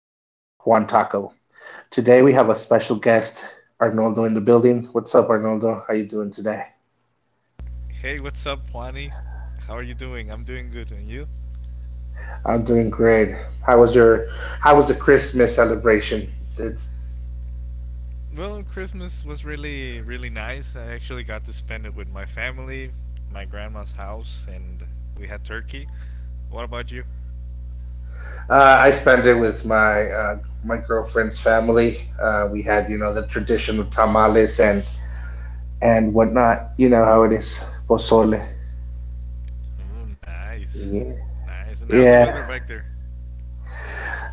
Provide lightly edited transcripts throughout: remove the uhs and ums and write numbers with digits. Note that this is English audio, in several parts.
Juan Taco. Today we have a special guest, Arnoldo in the building. What's up, Arnoldo? How you doing today? Hey, what's up, Juani? How are you doing? I'm doing good, and you? I'm doing great. How was your How was the Christmas celebration? Did- Well, Christmas was really, really nice. I actually got to spend it with my family, my grandma's house, and we had turkey. What about you? I spent it with my my girlfriend's family. We had the traditional tamales and whatnot. You know how it is, pozole. Oh, nice. Yeah, Nice. And how's the yeah. weather back there?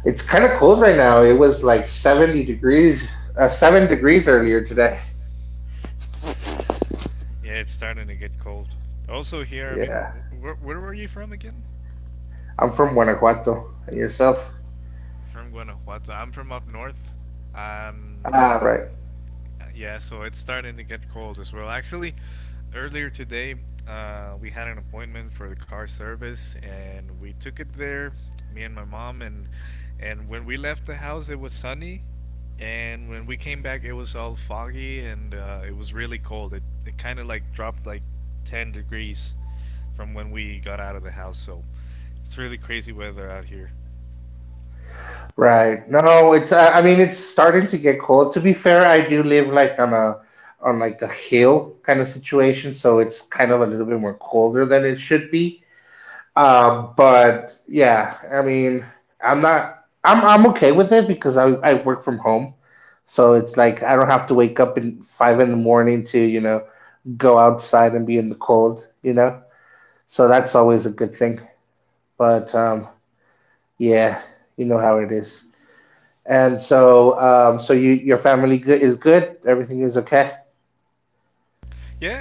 It's kind of cold right now. It was like 70 degrees, 7 degrees earlier today. Yeah, it's starting to get cold. Also, here, I Yeah. mean, where were you from again? I'm from Guanajuato. And yourself? From Guanajuato. I'm from up north. Ah, Um, right. yeah, so it's starting to get cold as well. Actually, earlier today, we had an appointment for the car service, and we took it there, me and my mom, and when we left the house, it was sunny, and when we came back, it was all foggy and it was really cold. It kind of like dropped like 10 degrees from when we got out of the house. So it's really crazy weather out here. Right. No, it's I mean it's starting to get cold. To be fair, I do live on like a hill kind of situation, so it's kind of a little bit more colder than it should be. But yeah, I mean, I'm not I'm I'm okay with it because I work from home. So it's like I don't have to wake up in five in the morning to, you know, go outside and be in the cold, you know? So that's always a good thing. But Yeah, you know how it is. So you, your family is good. Everything is okay.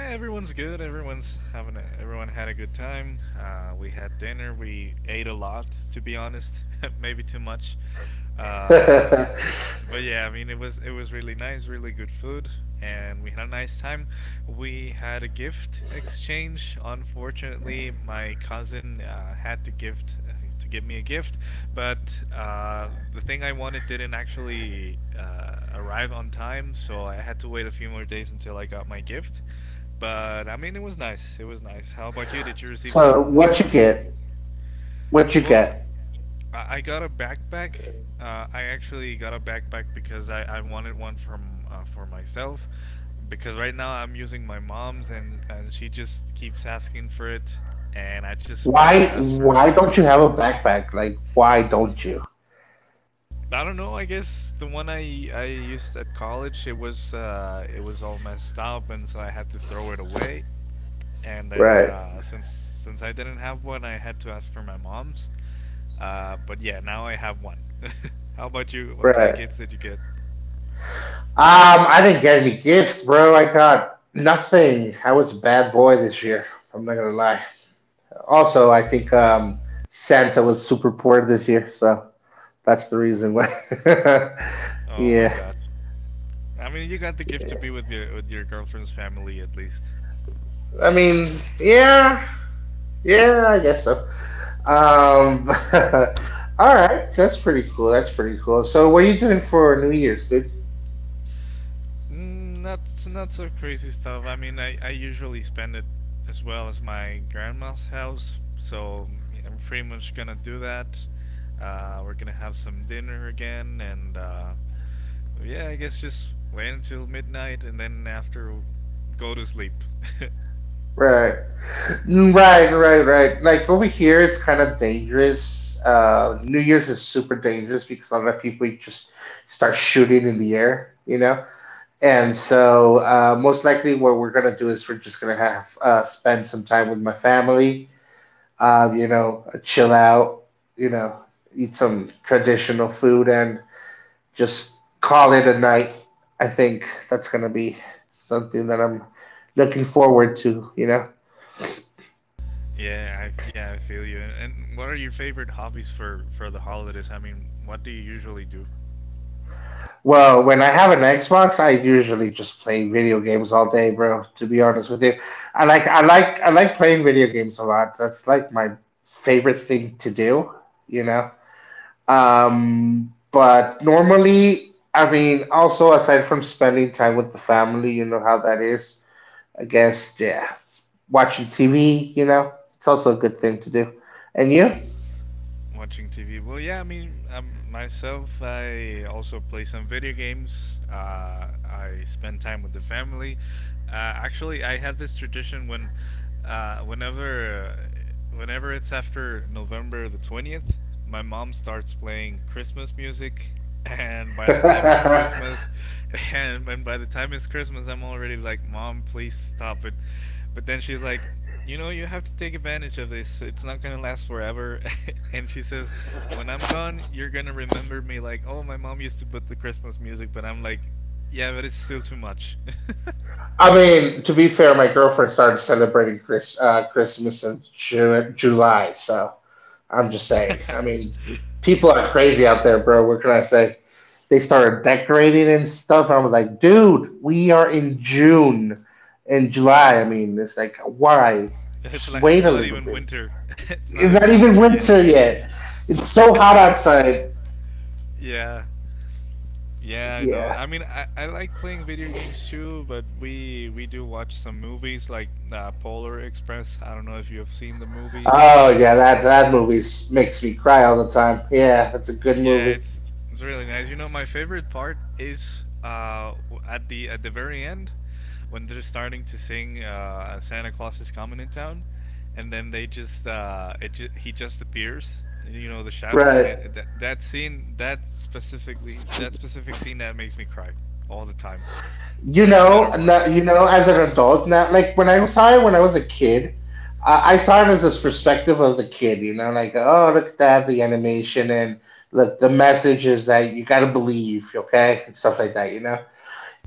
Yeah, everyone's good. Everyone's everyone had a good time. We had dinner. We ate a lot, to be honest, maybe too much. Uh, but yeah, I mean, it was really nice, really good food, and we had a nice time. We had a gift exchange. Unfortunately, my cousin had to gift to give me a gift, but the thing I wanted didn't actually arrive on time, so I had to wait a few more days until I got my gift. But I mean, it was nice. It was nice. How about you? Did you So receive what some you get? many? What you Well, get? I got a backpack. I actually got a backpack because I wanted one from for myself. Because right now I'm using my mom's and she just keeps asking for it, and I just Why? wanted to ask Why for a don't you have bag. a backpack? Like, why don't you? I don't know. I guess the one I used at college it was all messed up, and so I had to throw it away. And Right. then since I didn't have one, I had to ask for my mom's. But yeah, now I have one. How about you? What Right. kind of gifts did you get? I didn't get any gifts, bro. I got nothing. I was a bad boy this year. I'm not gonna lie. Also, I think Santa was super poor this year, so that's the reason why. Yeah, Oh my god! I mean, you got the gift to be with your girlfriend's family at least. I mean, yeah, yeah, I guess so. Um, all right, that's pretty cool. That's pretty cool. So, what are you doing for New Year's, dude? Mm, Not not so crazy stuff. I mean, I usually spend it as well as my grandma's house, so I'm pretty much gonna do that. We're gonna have some dinner again, and yeah, I guess just wait until midnight, and then after, go to sleep. Right, right, right, right. Like over here, it's kind of dangerous. New Year's is super dangerous because a lot of people just start shooting in the air. You know. Most likely, what we're gonna do is we're just gonna have spend some time with my family. You know, chill out. You know, eat some traditional food and just call it a night. I think that's gonna be something that I'm looking forward to. You know, Yeah, I feel you. And what are your favorite hobbies for the holidays? I mean, what do you usually do? well, when I have an Xbox, I usually just play video games all day, bro. To be honest with you, I like playing video games a lot. That's like my favorite thing to do. You know. But normally, I mean, also aside from spending time with the family, you know how that is. I guess, yeah, watching TV, you know, it's also a good thing to do. And you? Watching TV. Well, yeah, I mean, myself, I also play some video games. I spend time with the family. Actually, I have this tradition uh, whenever, whenever it's after November the 20th my mom starts playing Christmas music, and by the time it's I Christmas, And by the time it's Christmas, I'm already like, Mom, please stop it. But then she's like, You know, you have to take advantage of this. It's not gonna last forever. And she says, When I'm gone, you're gonna remember me like, Oh, my mom used to put the Christmas music, but I'm like, Yeah, but it's still too much. mean, to be fair, my girlfriend started celebrating Christmas in July, so I'm just saying. I mean, people are crazy out there, bro. What can I say? They started decorating and stuff. I was like, dude, we are in June and July. I mean, it's like, why? Just It's wait a like little not bit. even winter. It's It's not not even even winter winter yet. yet. It's so hot outside. Yeah. Yeah, I Yeah. know. I mean, I like playing video games too, but we do watch some movies like Polar Express. I don't know if you have seen the movie. Oh yeah, that movie makes me cry all the time. Yeah, that's a good movie. Yeah, it's really nice. You know, my favorite part is at the very end when they're starting to sing Santa Claus is coming in town, and then they just it ju- he just appears, you know, the shadow, Right. and it that, that scene that specifically that specific scene that makes me cry all the time, you no know, matter no- what. You know, as an adult now, like when I saw it when I was a kid, I saw it as this perspective of the kid, you know, like oh look at that, the animation and look the message is that you gotta believe, okay, and stuff like that, you know.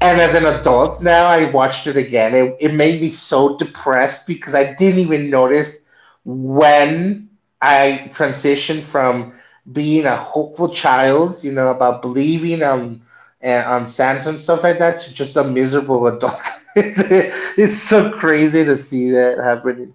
And as an Yeah. adult now, I watched it again. It made me so depressed because I didn't even notice when I transitioned from being a hopeful child, you know, about believing on Santa and stuff like that, to just a miserable adult. it's, it's so crazy to see that happening,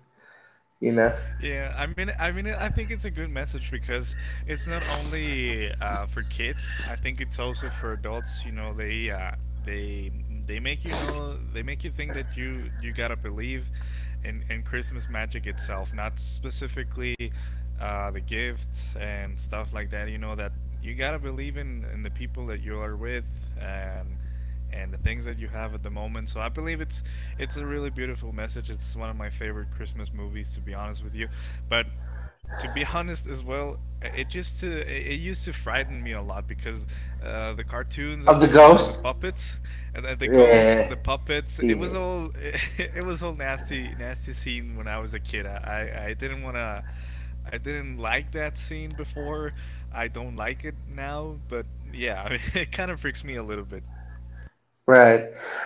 you know. Yeah, I mean, I think it's a good message because it's not only for kids. I think it's also for adults. You know, they they make you think that you gotta believe in Christmas magic itself, not specifically the gifts and stuff like that. You know that you gotta believe in the people that you are with and and the things that you have at the moment. So I believe it's a really beautiful message. It's one of my favorite Christmas movies, to be honest with you. But to be honest as well, it used to frighten me a lot because the cartoons are, Of the and the ghost, puppets and the ghosts, yeah, the puppets. It yeah. was all it was all nasty, nasty scene when I was a kid. I didn't wanna. I didn't like that scene before. I don't like it now, but yeah, it kind of freaks me a little bit. Right.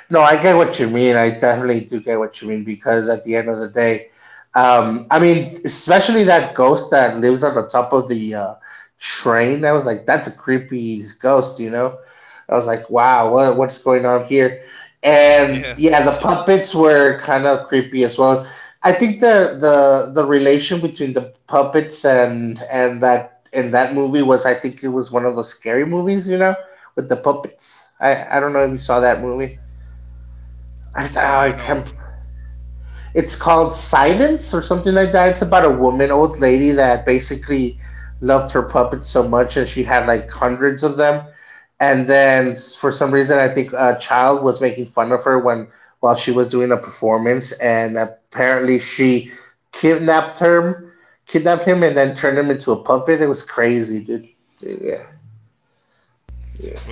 No, I get what you mean. I definitely do get what you mean because at the end of the day, I mean, especially that ghost that lives on the top of the train. I was like, that's a creepy ghost, you know? I was like, wow, what's going on here? And Yeah, yeah, the puppets were kind of creepy as well. I think the relation between the puppets and and that movie was, I think it was one of those scary movies, you know? With the puppets. I don't know if you saw that movie. I, I can't, no. It's called Silence or something like that. It's about a woman, old lady that basically loved her puppets so much, and she had like hundreds of them. And then for some reason, I think a child was making fun of her when while she was doing a performance, and apparently she kidnapped her, kidnapped him, and then turned him into a puppet. It was crazy, dude. Yeah.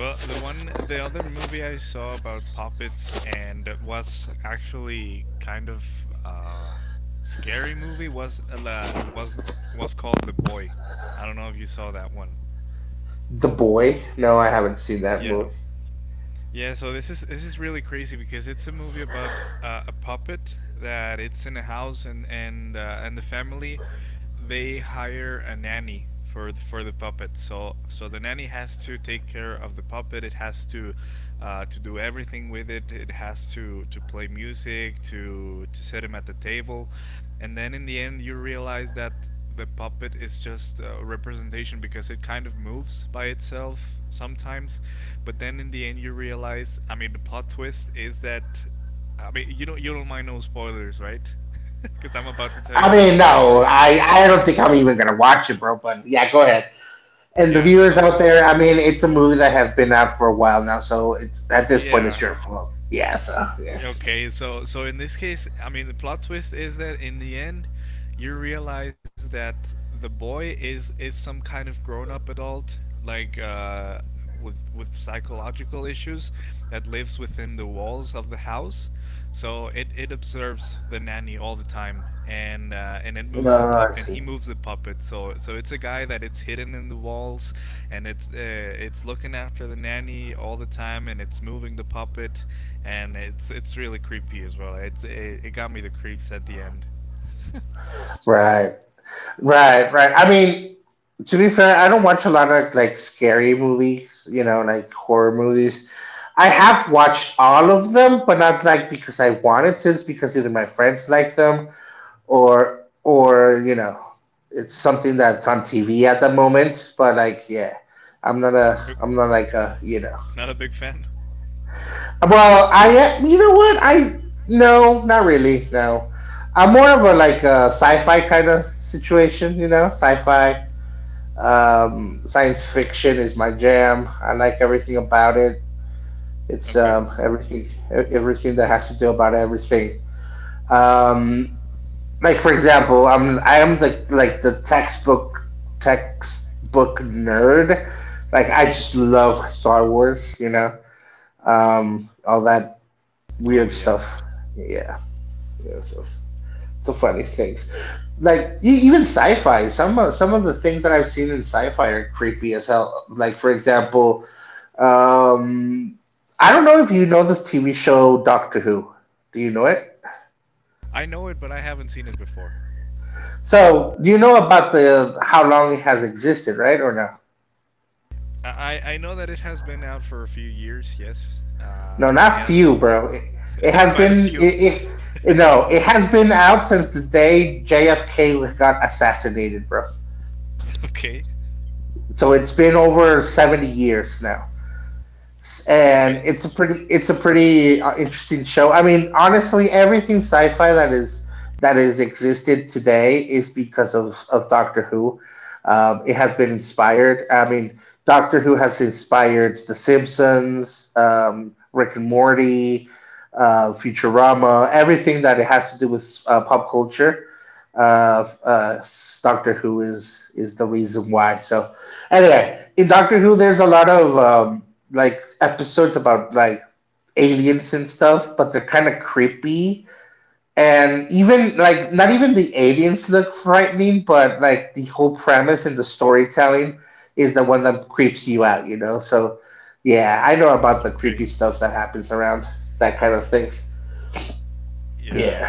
Well, the other movie I saw about puppets and was actually kind of uh, scary movie was was called The Boy. I don't know if you saw that one. The boy. No, I haven't seen that movie. Yeah. Yeah, so this is really crazy because it's a movie about a puppet that it's in a house and the family they hire a nanny for the puppet. So the nanny has to take care of the puppet. It has to do everything with it. It has to play music, to set him at the table, and then in the end you realize that the puppet is just a representation because it kind of moves by itself sometimes but then in the end you realize, I mean the plot twist is that, I mean, you don't mind no spoilers, right? Because I'm about to I tell you mean, the whole no, story. I don't think I'm even gonna watch it, bro. But yeah, go ahead. And the Yeah, viewers out so there, I mean, it's a movie that has been out for a while now, so it's at this point, it's your yeah. fault. Yeah, so yeah. Okay, so in this case, I mean, the plot twist is that in the end, you realize that the boy is some kind of grown-up adult, like with psychological issues that lives within the walls of the house. So it observes the nanny all the time, and it No, moves the I pup, and see. he moves the puppet. So it's a guy that it's hidden in the walls, and it's looking after the nanny all the time, and it's moving the puppet, and it's really creepy as well. It got me the creeps at the end. Right, right, right. I mean, to be fair, I don't watch a lot of like scary movies, you know, like horror movies. I have watched all of them, but not like because I wanted to. It's because either my friends like them or it's something that's on TV at the moment. But like, yeah, You're- I'm not like a, you know. Not a big fan. Well, you know what? I no, not really. No, I'm more of a like a sci-fi kind of situation. You know, sci-fi, science fiction is my jam. I like everything about it. It's Okay. Everything, everything that has to do about everything. Um, Like for example, I am the like the textbook nerd. Like I just love Star Wars, you know, all that weird Oh yeah. stuff. Yeah, yeah, so so funny things. Like even sci-fi. Some of the things that I've seen in sci-fi are creepy as hell. Like for example, um, I don't know if you know this TV show Doctor Who. Do you know it? I know it, but I haven't seen it before. So you know about the how long it has existed, right? Or no? I know that it has been out for a few years, yes. No, But not few, yes, bro. It has quite a been few. it, it no, it has been out since the day JFK got assassinated, bro. Okay. So it's been over 70 years now and Okay. it's a pretty interesting show. I mean, honestly, everything sci-fi that is existed today is because of Doctor Who. It has been inspired. I mean, Doctor Who has inspired The Simpsons, Rick and Morty, Futurama, everything that it has to do with pop culture. Uh, uh, Doctor Who is the reason why. So, anyway, in Doctor Who, there's a lot of like episodes about like aliens and stuff, but they're kind of creepy. And even like not even the aliens look frightening, but like the whole premise and the storytelling is the one that creeps you out, you know. So yeah, I know about the creepy Okay. stuff that happens around that kind of things. Yeah.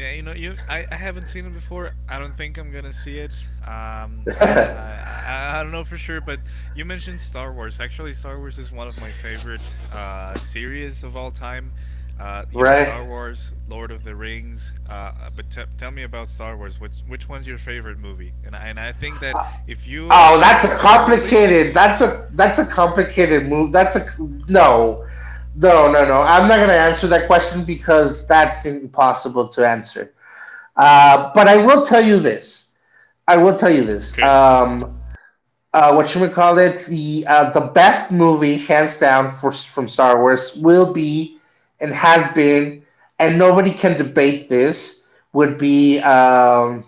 Yeah, I haven't seen it before. I don't think I'm gonna see it. Um, I don't know for sure, but you mentioned Star Wars. Actually, Star Wars is one of my favorite series of all time. Right. Star Wars, Lord of the Rings. But tell me about Star Wars. Which one's your favorite movie? And I think that if you Oh, if you that's a are oldie, complicated. That's a complicated move. That's a no, No, no, no. I'm not gonna answer that question because that's impossible to answer. But I will tell you this. I will tell you this. okay. What should we call it? The best movie, hands down, from Star Wars will be and has been, and nobody can debate this. Would be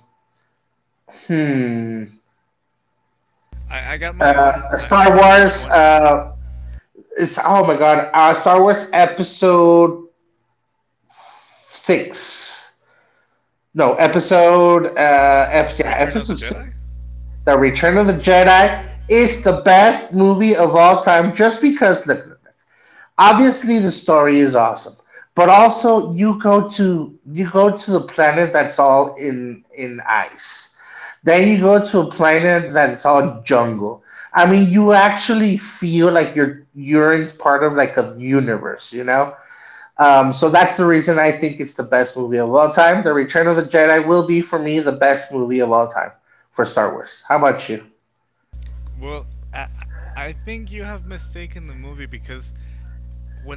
hmm I got my own. I Star know which Wars. one. It's oh my god, Star Wars Episode Six. No, yeah, Return of Episode the Six. Jedi? The Return of the Jedi is the best movie of all time just because look, look, obviously the story is awesome. But also you go to the planet that's all in ice. Then you go to a planet that's all jungle. I mean you actually feel like you're in part of like a universe, you know? So that's the reason I think it's the best movie of all time. The Return of the Jedi will be for me the best movie of all time for Star Wars. How about you? Well, I, I think you have mistaken the movie because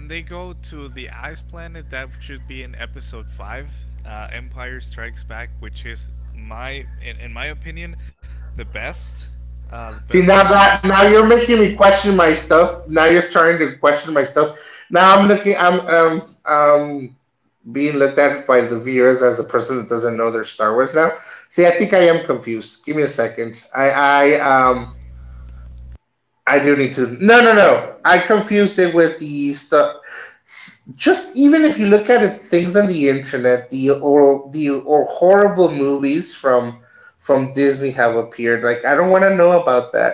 when they go to the ice planet, that should be in episode 5, Empire Strikes Back, which is in my opinion, the best, the See best now movie that of now Star you're making Wars. me question my stuff. Now you're starting to question my stuff. Now I'm looking. I'm being looked at by the viewers as a person that doesn't know their Star Wars now. See, I think I am confused. Give me a second. I do need to. No, no, no. I confused it with the stuff. Just even if you look at it, things on the internet, the or horrible movies from Disney have appeared. Like I don't want to know about that.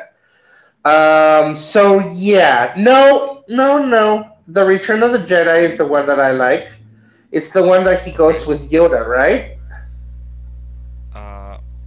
So yeah, no, no, no. The Return of the Jedi is the one that I like. It's the one that he goes with Okay. Yoda, right? Uh,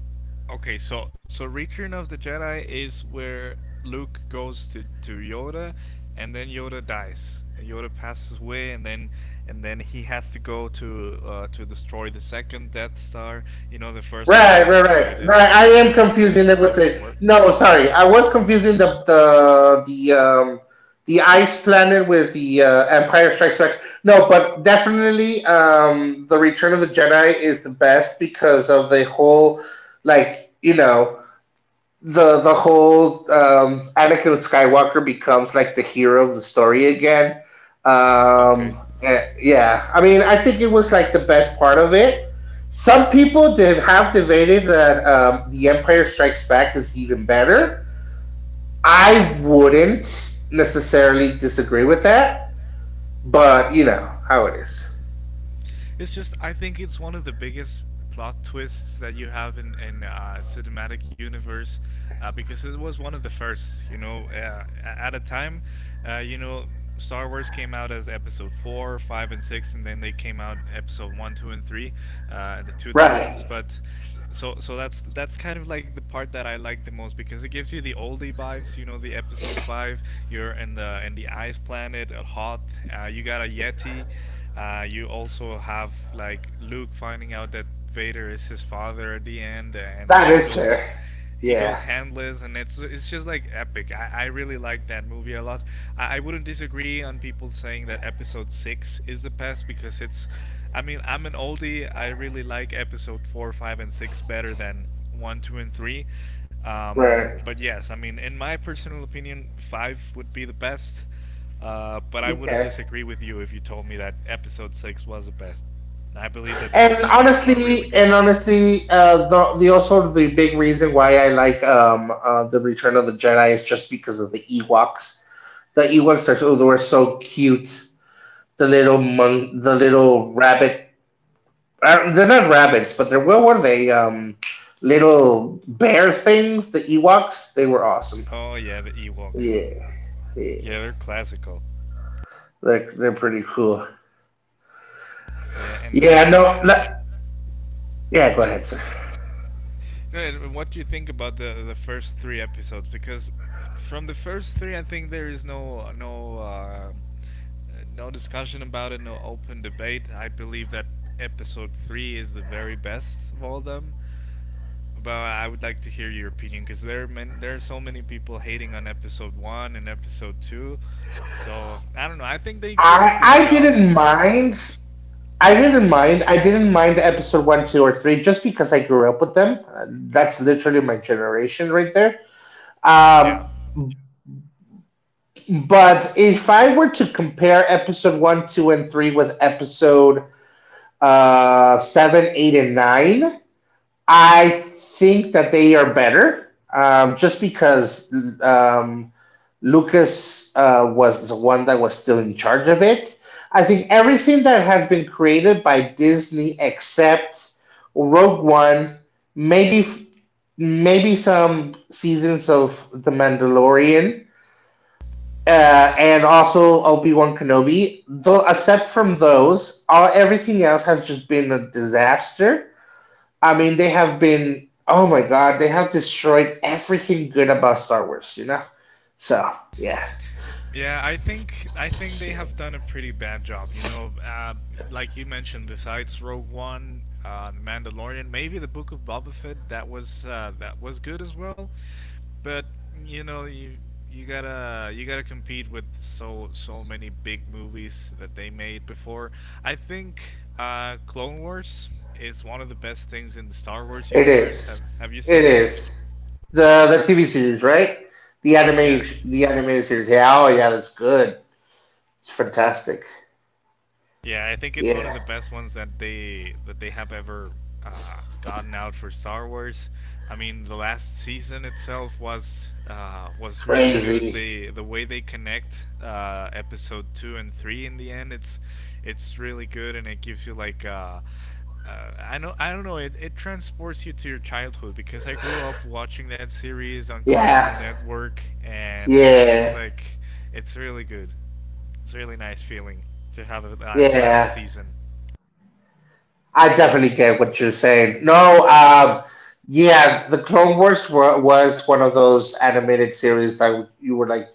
okay, so Return of the Jedi is where Luke goes to Yoda, and then Yoda dies. And Yoda passes away, and then he has to go to destroy the second Death Star. You know, the first Right, one right, they right, destroyed right. it I am at confusing it with Episode the. Four. No, sorry, I was confusing the the ice planet with the Empire Strikes Back. No, but definitely, the Return of the Jedi is the best because of the whole, like the whole Anakin Skywalker becomes like the hero of the story again. Okay. Yeah, I mean, I think it was like the best part of it. Some people did have debated that the Empire Strikes Back is even better. I wouldn't necessarily disagree with that, but you know how it is. It's just I think it's one of the biggest plot twists that you have in cinematic universe because it was one of the first. You know, at a time, uh, you know, Star Wars came out as Episode four, five, and six, and then they came out Episode one, two, and three in the two Right, thousands. But that's kind of like the part that I like the most because it gives you the oldie vibes. You know, the Episode five, you're in the Ice Planet at Hoth. You got a Yeti. You also have like Luke finding out that Vader is his father at the end, that and is he fair. goes he Yeah, goes handless, and it's just like epic. I really like that movie a lot. I wouldn't disagree on people saying that Episode Six is the best because it's. I mean, I'm an oldie. I really like Episode Four, Five, and Six better than One, Two, and Three. Um, right. but yes, I mean, in my personal opinion, Five would be the best. But I Okay. wouldn't disagree with you if you told me that episode six was the best. I believe that both of them are really And great. honestly, the also the big reason why I like the Return of the Jedi is just because of the Ewoks. The Ewoks are so, they were so cute. The little monk, the little rabbit. They're not rabbits, but they're what were they? Little bear things. The Ewoks. They were awesome. Oh yeah, the Ewoks. Yeah, yeah. Yeah, they're classical. They're pretty cool. Yeah, Yeah, no, and no yeah. Go ahead, uh, sir. Right. and what do you think about the first three episodes? Because from the first three, I think there is no discussion about it, no open debate. I believe that episode three is the very best of all of them. But I would like to hear your opinion because there are so many people hating on episode one and episode two. So I don't know. I think they I did a I good job, didn't mind but I didn't yeah, mind. I didn't mind episode one, two, or three just because I grew up with them. That's literally my generation right there. Um, yeah. but if I were to compare episode one, two, and three with episode seven, eight, and nine, I think that they are better. Just because um, Lucas was the one that was still in charge of it. I think everything that has been created by Disney except Rogue One, maybe maybe some seasons of The Mandalorian, and also Obi Wan Kenobi. Though, except from those, all, everything else has just been a disaster. I mean, they have been oh my god, they have destroyed everything good about Star Wars. You know, so yeah. Yeah, I think they have done a pretty bad job. You know, like you mentioned, besides Rogue One, The Mandalorian, maybe the Book of Boba Fett, that was good as well. But you know, you gotta compete with so many big movies that they made before. I think Clone Wars is one of the best things in the Star It Wars is. universe. Have you It seen it? is. The TV series, right? The anime Yeah. the animated series. Yeah, oh yeah, that's good. It's fantastic. Yeah, I think it's Yeah. one of the best ones that they have ever gotten out for Star Wars. I mean, the last season itself was really Crazy. good. The way they connect episode two and three in the end, it's really good, and it gives you like. I know I don't know it, it transports you to your childhood because I grew up watching that series on Yeah. Cartoon Network and Yeah. it's like it's really good. It's a really nice feeling to have a Yeah. last season. I definitely get what you're saying. No. Yeah, the Clone Wars were, was one of those animated series that you were like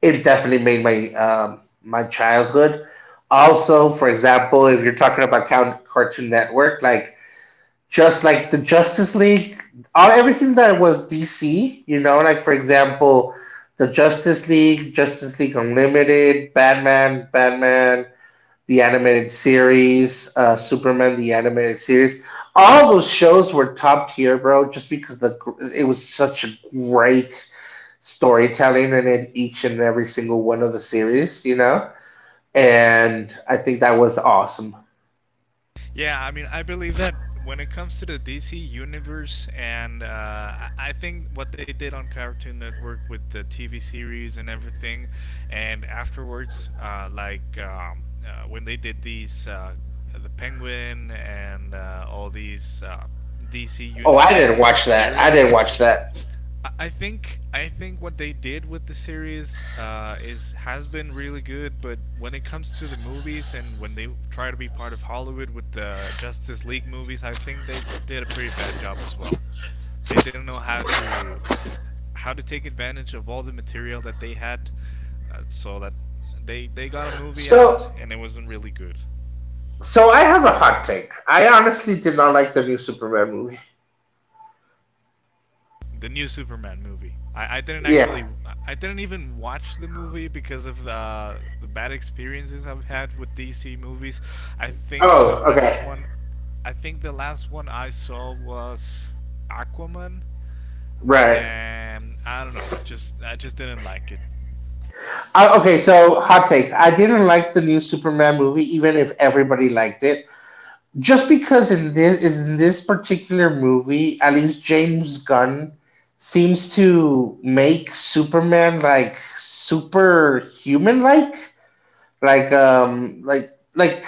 it definitely made my my childhood. Also, for example, if you're talking about Count Cartoon Network, like just like the Justice League, all everything that was DC, you know, like for example, the Justice League, Justice League Unlimited, Batman, Batman, the animated series, Superman, the animated series. All those shows were top tier, bro, just because the it was such a great storytelling in each and every single one of the series, you know. And I think that was awesome. Yeah, I mean, I believe that when it comes to the DC universe, and I think what they did on Cartoon Network with the TV series and everything, and afterwards, when they did the Penguin and all these DC Oh, I didn't universe watch that. I didn't series, watch that. I think what they did with the series is has been really good, but when it comes to the movies and when they try to be part of Hollywood with the Justice League movies, I think they did a pretty bad job as well. They didn't know how to take advantage of all the material that they had, so that they got a movie So out and it wasn't really good. So I have a hot take. I honestly did not like the new Superman movie. The new Superman movie. I didn't Yeah. actually didn't even watch the movie because of the bad experiences I've had with DC movies. I think Oh, the okay. last one I think the last one I saw was Aquaman Right. and I don't know, I just didn't like it. Okay, so hot take. I didn't like the new Superman movie, even if everybody liked it. Just because in this is in this particular movie, at least James Gunn seems to make Superman like superhuman like. Like um like like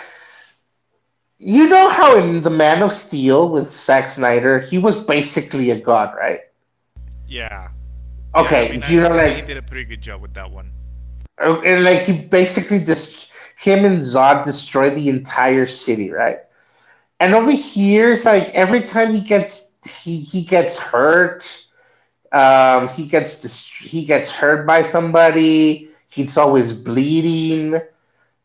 you know how in the Man of Steel with Zack Snyder, he was basically a god, right? Yeah. Yeah, Okay, I mean you I, know, I think he like, did a pretty good job with that one. And, like he basically just him and Zod destroy the entire city, right? And over here, it's like every time he gets he gets hurt, he gets hurt by somebody. He's always bleeding.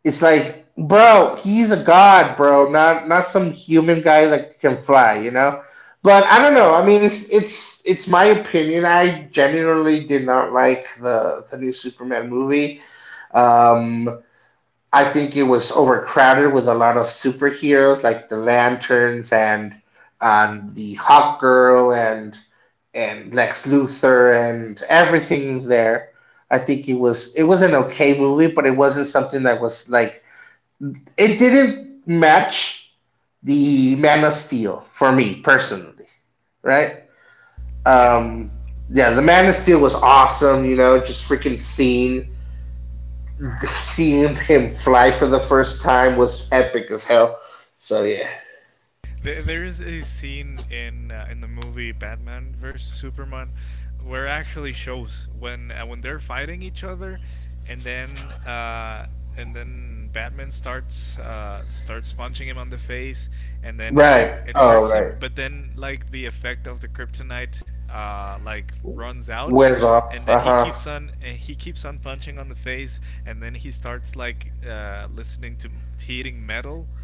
It's like, bro, he's a god, bro, not not some human guy that can fly, you know. But I don't know. I mean, it's my opinion. I genuinely did not like the new Superman movie. Um, I think it was overcrowded with a lot of superheroes like the Lanterns and the Hawk Girl and Lex Luthor and everything there. I think it was an okay movie, but it wasn't something that was like it didn't match the Man of Steel for me personally, right? Yeah. Um, yeah, the Man of Steel was awesome. You know, just freaking seeing seeing him fly for the first time was epic as hell. So yeah, There is a scene in the movie Batman versus Superman where it actually shows when they're fighting each other, and then uh, and then Batman starts punching him on the face, and then right. it Oh hurts right, him. But then like the effect of the kryptonite like runs out. wears off. And Uh then huh. He keeps on punching on the face, and then he starts like listening to heating metal,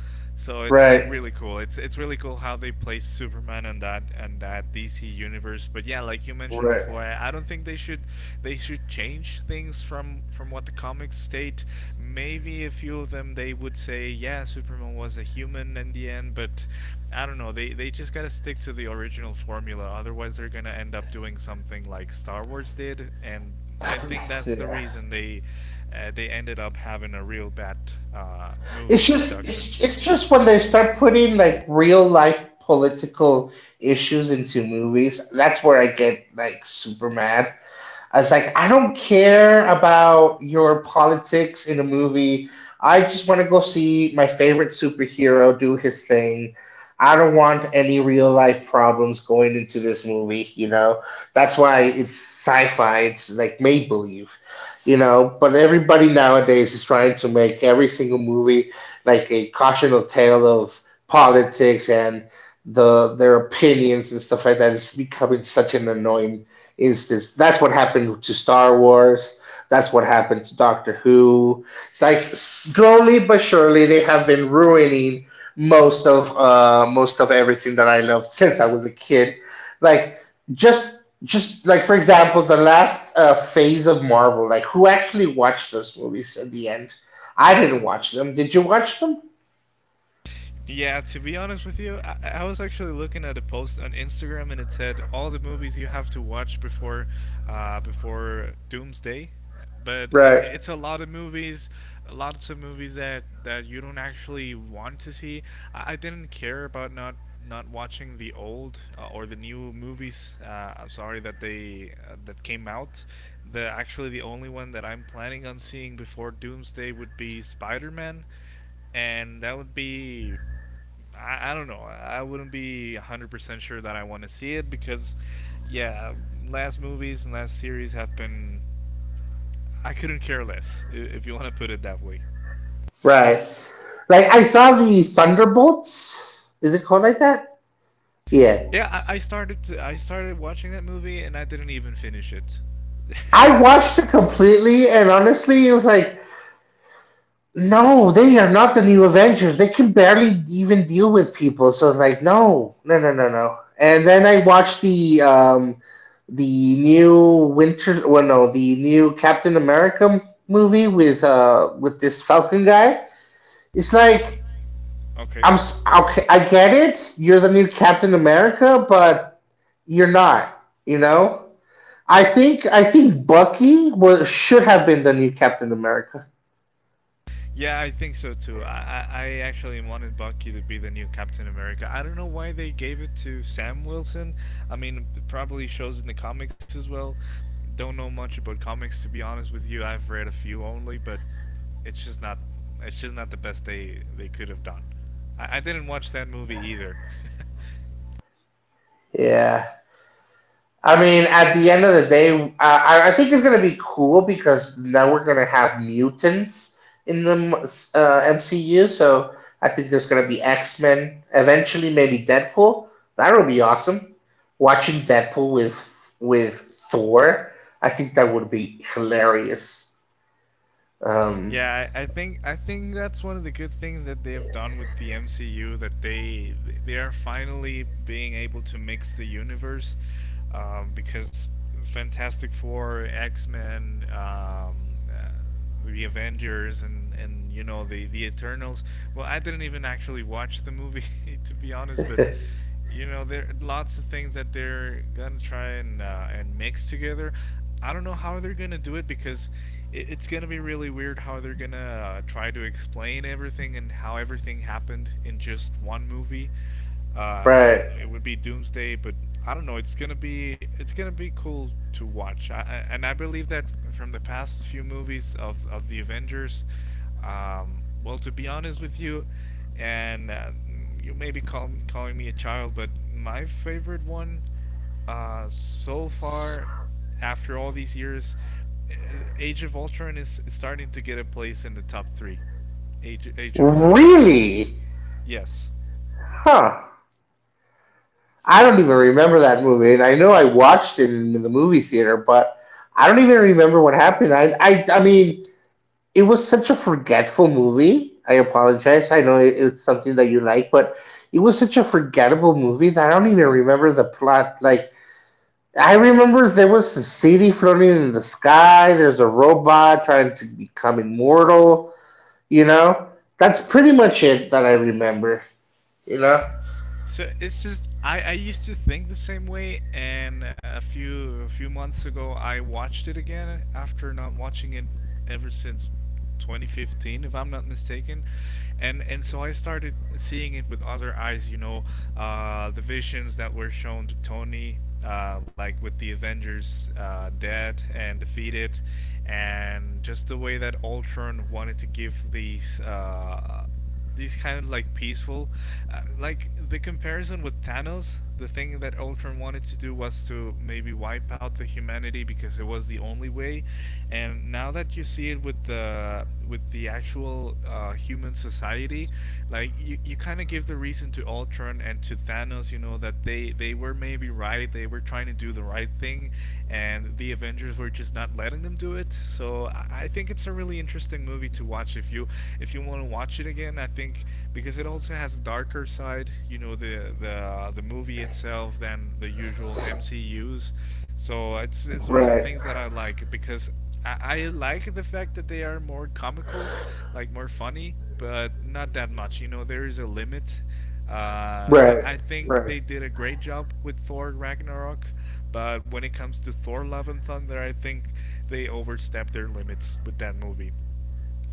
so it's like Right. really cool. It's really cool how they place Superman and that DC universe. But yeah, like you mentioned Right. before, I don't think they should change things from what the comics state. Maybe a few of them they would say, yeah, Superman was a human in the end, but I don't know. They just gotta stick to the original formula. Otherwise, they're gonna end up doing something like Star Wars did, and I think that's Yeah. the reason they ended up having a real bad It's movie just production. it's just when they start putting like real life political issues into movies, that's where I get like super mad. I was like, I don't care about your politics in a movie. I just want to go see my favorite superhero do his thing. I don't want any real life problems going into this movie, you know? That's why it's sci fi, it's like made believe, you know? But everybody nowadays is trying to make every single movie like a cautionary tale of politics and the their opinions and stuff like that. It's becoming such an annoying instance. That's what happened to Star Wars. That's what happened to Doctor Who. It's like slowly but surely they have been ruining most of everything that I loved since I was a kid. Like just like for example, the last phase of Marvel. Like who actually watched those movies at the end? I didn't watch them. Did you watch them? Yeah, to be honest with you, I was actually looking at a post on Instagram and it said all the movies you have to watch before before Doomsday. But Right, it's a lot of movies, lots of movies that, you don't actually want to see. I didn't care about not watching the old or the new movies. I'm sorry that they that came out. The actually the only one that I'm planning on seeing before Doomsday would be Spider-Man and that would be I don't know. I wouldn't be 100% sure that I want to see it because, yeah, last movies and last series have been. I couldn't care less, if you want to put it that way. right. Like I saw the Thunderbolts. Is it called like that? Yeah. Yeah, I started watching that movie and I didn't even finish it. I I don't know. watched it completely, and honestly, it was like, no, they are not the new Avengers. They can barely even deal with people. So it's like, no, no, no, no, no. And then I watched the new Winter, well, no, the new Captain America movie with this Falcon guy. It's like, Okay. I'm okay. I get it. You're the new Captain America, but you're not. You know. I think Bucky was, should have been the new Captain America. Yeah, I think so too. I actually wanted Bucky to be the new Captain America. I don't know why they gave it to Sam Wilson. I mean, it probably shows in the comics as well. Don't know much about comics to be honest with you. I've read a few only, but it's just not it's just not the best they could have done. I didn't watch that movie either. Yeah. I mean, at the end of the day, I think it's going to be cool because now we're going to have mutants in the MCU. So I think there's going to be X Men, eventually, maybe Deadpool. That would be awesome. Watching Deadpool with Thor, I think that would be hilarious. Um, Yeah, I think that's one of the good things that they have done with the MCU that they are finally being able to mix the universe. Because Fantastic Four, X Men, uh, the Avengers, and you know the Eternals. Well, I didn't even actually watch the movie to be honest, but you know there are lots of things that they're gonna try and mix together. I don't know how they're gonna do it because it's gonna be really weird how they're gonna try to explain everything and how everything happened in just one movie. Like but it would be Doomsday, but I don't know. It's gonna be cool to watch. And I believe that from the past few movies of the Avengers, well, to be honest with you, and you may be calling me a child, but my favorite one so far, after all these years, Age of Ultron is starting to get a place in the top three. Age of Ultron. Really, Yes. huh? I don't even remember that movie, and I know I watched it in the movie theater, but I don't even remember what happened. I mean, it was such a forgetful movie. I apologize. I know it's something that you like, but it was such a forgettable movie that I don't even remember the plot. Like, I remember there was a city floating in the sky. There's a robot trying to become immortal. You know, that's pretty much it that I remember. You know, So it's just I used to think the same way, and a few months ago I watched it again after not watching it ever since 2015, if I'm not mistaken, and so I started seeing it with other eyes. You know, the visions that were shown to Tony, like with the Avengers dead and defeated, and just the way that Ultron wanted to give these kind of like peaceful like the comparison with Thanos, the thing that Ultron wanted to do was to maybe wipe out the humanity because it was the only way, and now that you see it with the actual human society, like you kind of give the reason to Ultron and to Thanos. You know that they were maybe right, they were trying to do the right thing, and the Avengers were just not letting them do it, so I think it's a really interesting movie to watch if you want to watch it again. I think because it also has a darker side, you know, the movie itself than the usual MCU's. So it's one of the right. things that I like because I, I like the fact that they are more comical, like more funny, but not that much. You know, there is a limit. Uh, Right, I, I right. think they did a great job with Thor Ragnarok, but when it comes to Thor Love and Thunder, I think they overstepped their limits with that movie.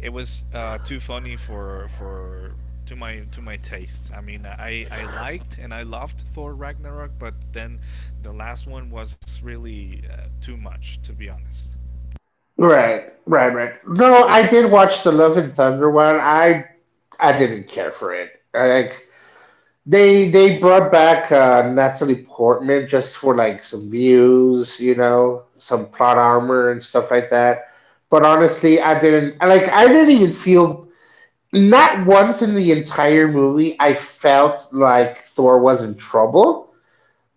It was too funny for to my taste. I mean, I liked and I loved Thor Ragnarok, but then the last one was really too much, to be honest. Right, right, right. No, I did watch the Love and Thunder one. I didn't care for it. I, like they brought back Natalie Portman just for like some views, you know, some plot armor and stuff like that. But honestly, I didn't like. I didn't even feel not once in the entire movie I felt like Thor was in trouble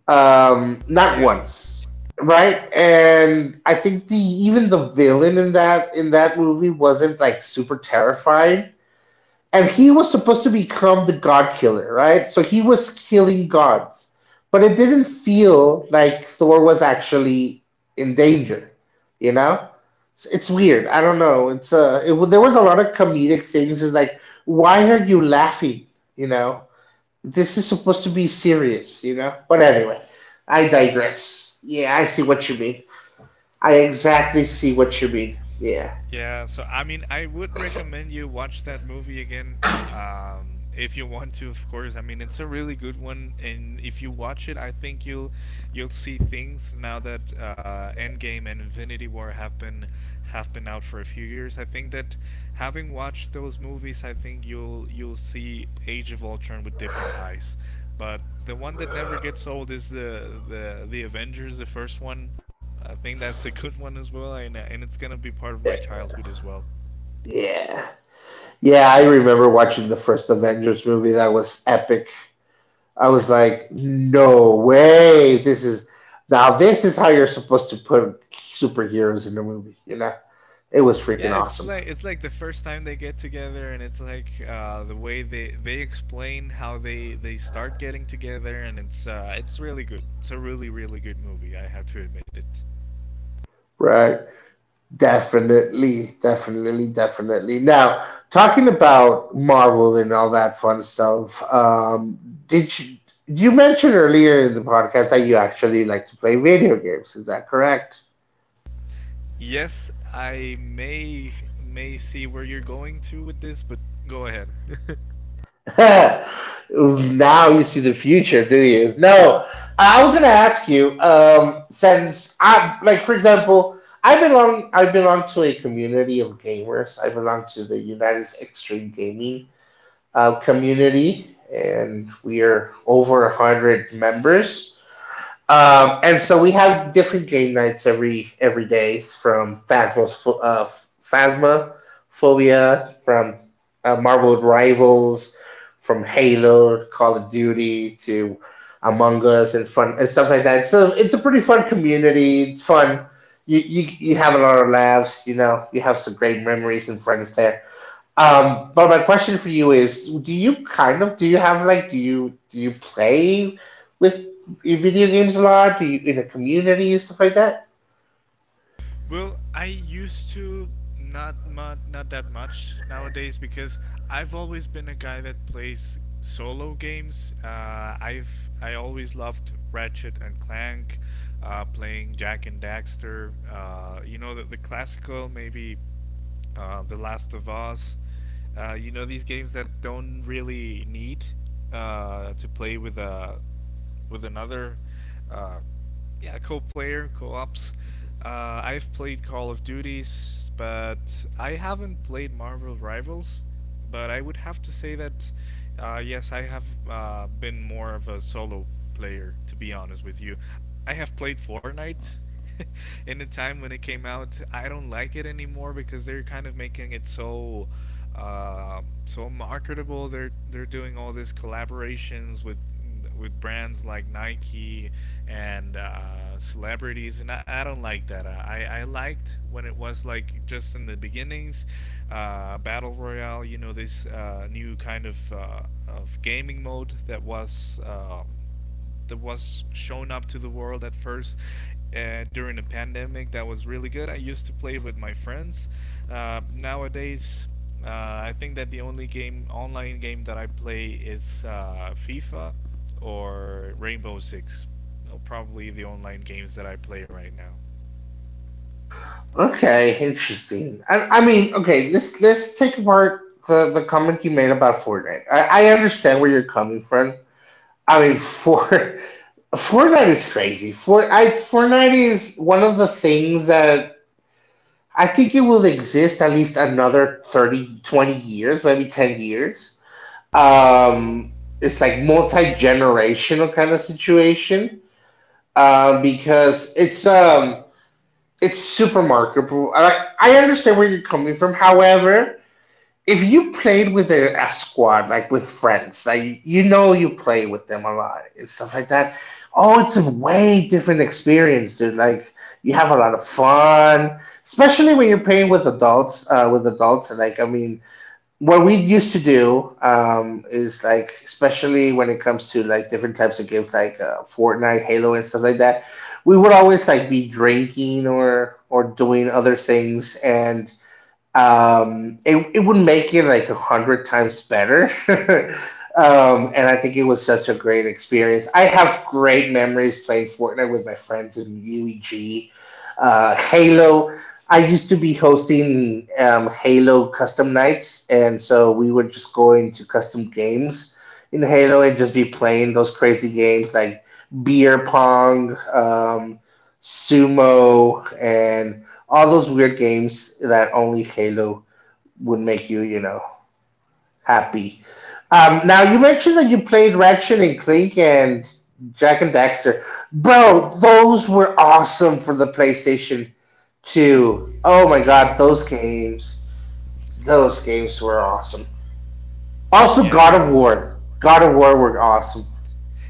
not Yeah, once, right? And I think the even the villain in that movie wasn't like super terrifying, and he was supposed to become the god killer, right? So he was killing gods, but it didn't feel like Thor was actually in danger, you know. It's, weird. I don't know. There was a lot of comedic things. Is like, why are you laughing? You know, this is supposed to be serious, you know? But anyway, I digress. Yeah, I see what you mean. I exactly see what you mean. Yeah. yeah, so I mean, I would recommend you watch that movie again, if you want to, of course. I mean, it's a really good one, and if you watch it, I think you'll see things now that Endgame and Infinity War have been out for a few years. I think that having watched those movies, I think you'll see Age of Ultron with different eyes. But the one that never gets old is the Avengers, the first one. I think that's a good one as well, and it's gonna be part of my childhood as well. Yeah. Yeah, I remember watching the first Avengers movie. That was epic. I was like, no way. This is Now this is how you're supposed to put superheroes in a movie, you know? It was Yeah, freaking it's awesome. like it's like the first time they get together, and it's like the way they explain how they start getting together, and it's it's really good. It's a really good movie. I have to admit it. Right. Definitely, definitely, definitely. Now, talking about Marvel and all that fun stuff, did you, you mentioned earlier in the podcast that you actually like to play video games? Is that correct? Yes, I may see where you're going to with this, but go ahead. Now you see the future, do you? No, I was going to ask you since I like, for example. I belong. I belong to a community of gamers. I belong to the United Extreme Gaming community, and we are over 100 members. And so we have different game nights every day from Phasma's, Phasma, Phobia, from Marvel Rivals, from Halo, Call of Duty to Among Us and fun and stuff like that. So it's a pretty fun community. It's fun. You, you have a lot of laughs. You know, you have some great memories and friends there. But my question for you is: Do you kind of do you play with video games a lot? Do you in a community and stuff like that? Well, I used to not that much nowadays because I've always been a guy that plays solo games. I always loved Ratchet and Clank, playing Jack and Daxter. You know the classical maybe The Last of Us. You know these games that don't really need to play with a with another uh, yeah, co-player, co-ops. I've played Call of Duties, but I haven't played Marvel Rivals. But I would have to say that, yes, I have been more of a solo player, to be honest with you. I have played Fortnite in the time when it came out. I don't like it anymore because they're kind of making it so so marketable. They're doing all these collaborations with brands like Nike and celebrities, and I don't like that. I liked when it was like just in the beginnings, battle royale. You know, this new kind of gaming mode that was. That was shown up to the world at first during the pandemic that was really good. I used to play with my friends. Nowadays, I think that the only game online game that I play is FIFA or Rainbow Six. Probably the online games that I play right now. Okay, interesting. I mean, okay, let's take apart the comment you made about Fortnite. I understand where you're coming from. I mean, for Fortnite is crazy. Fortnite is one of the things that I think it will exist at least another 30 20 years, maybe 10 years. Wow. Um, it's like multi generational kind of situation because it's it's super marketable. I understand where you're coming from. However, if you played with a squad, like with friends, like you know, you play with them a lot and stuff like that. Oh, it's a way different experience, dude. Like, you have a lot of fun, especially when you're playing with adults. With adults, like I mean, what we used to do is like, especially when it comes to like different types of games like Fortnite, Halo, and stuff like that, we would always like be drinking or doing other things, and it would make it like 100 times better. And I think it was such a great experience. I have great memories playing Fortnite with my friends in UEG. Halo, I used to be hosting Halo custom nights, and so we would just go into custom games in Halo and just be playing those crazy games like beer pong, sumo, and all those weird games that only Halo would make you, you know, happy. Now you mentioned that you played Ratchet and Clank and Jack and Daxter, bro. Those were awesome for the PlayStation Two. Oh my god, Yeah. Those games were awesome. Also, Yeah, I know. God of War were awesome.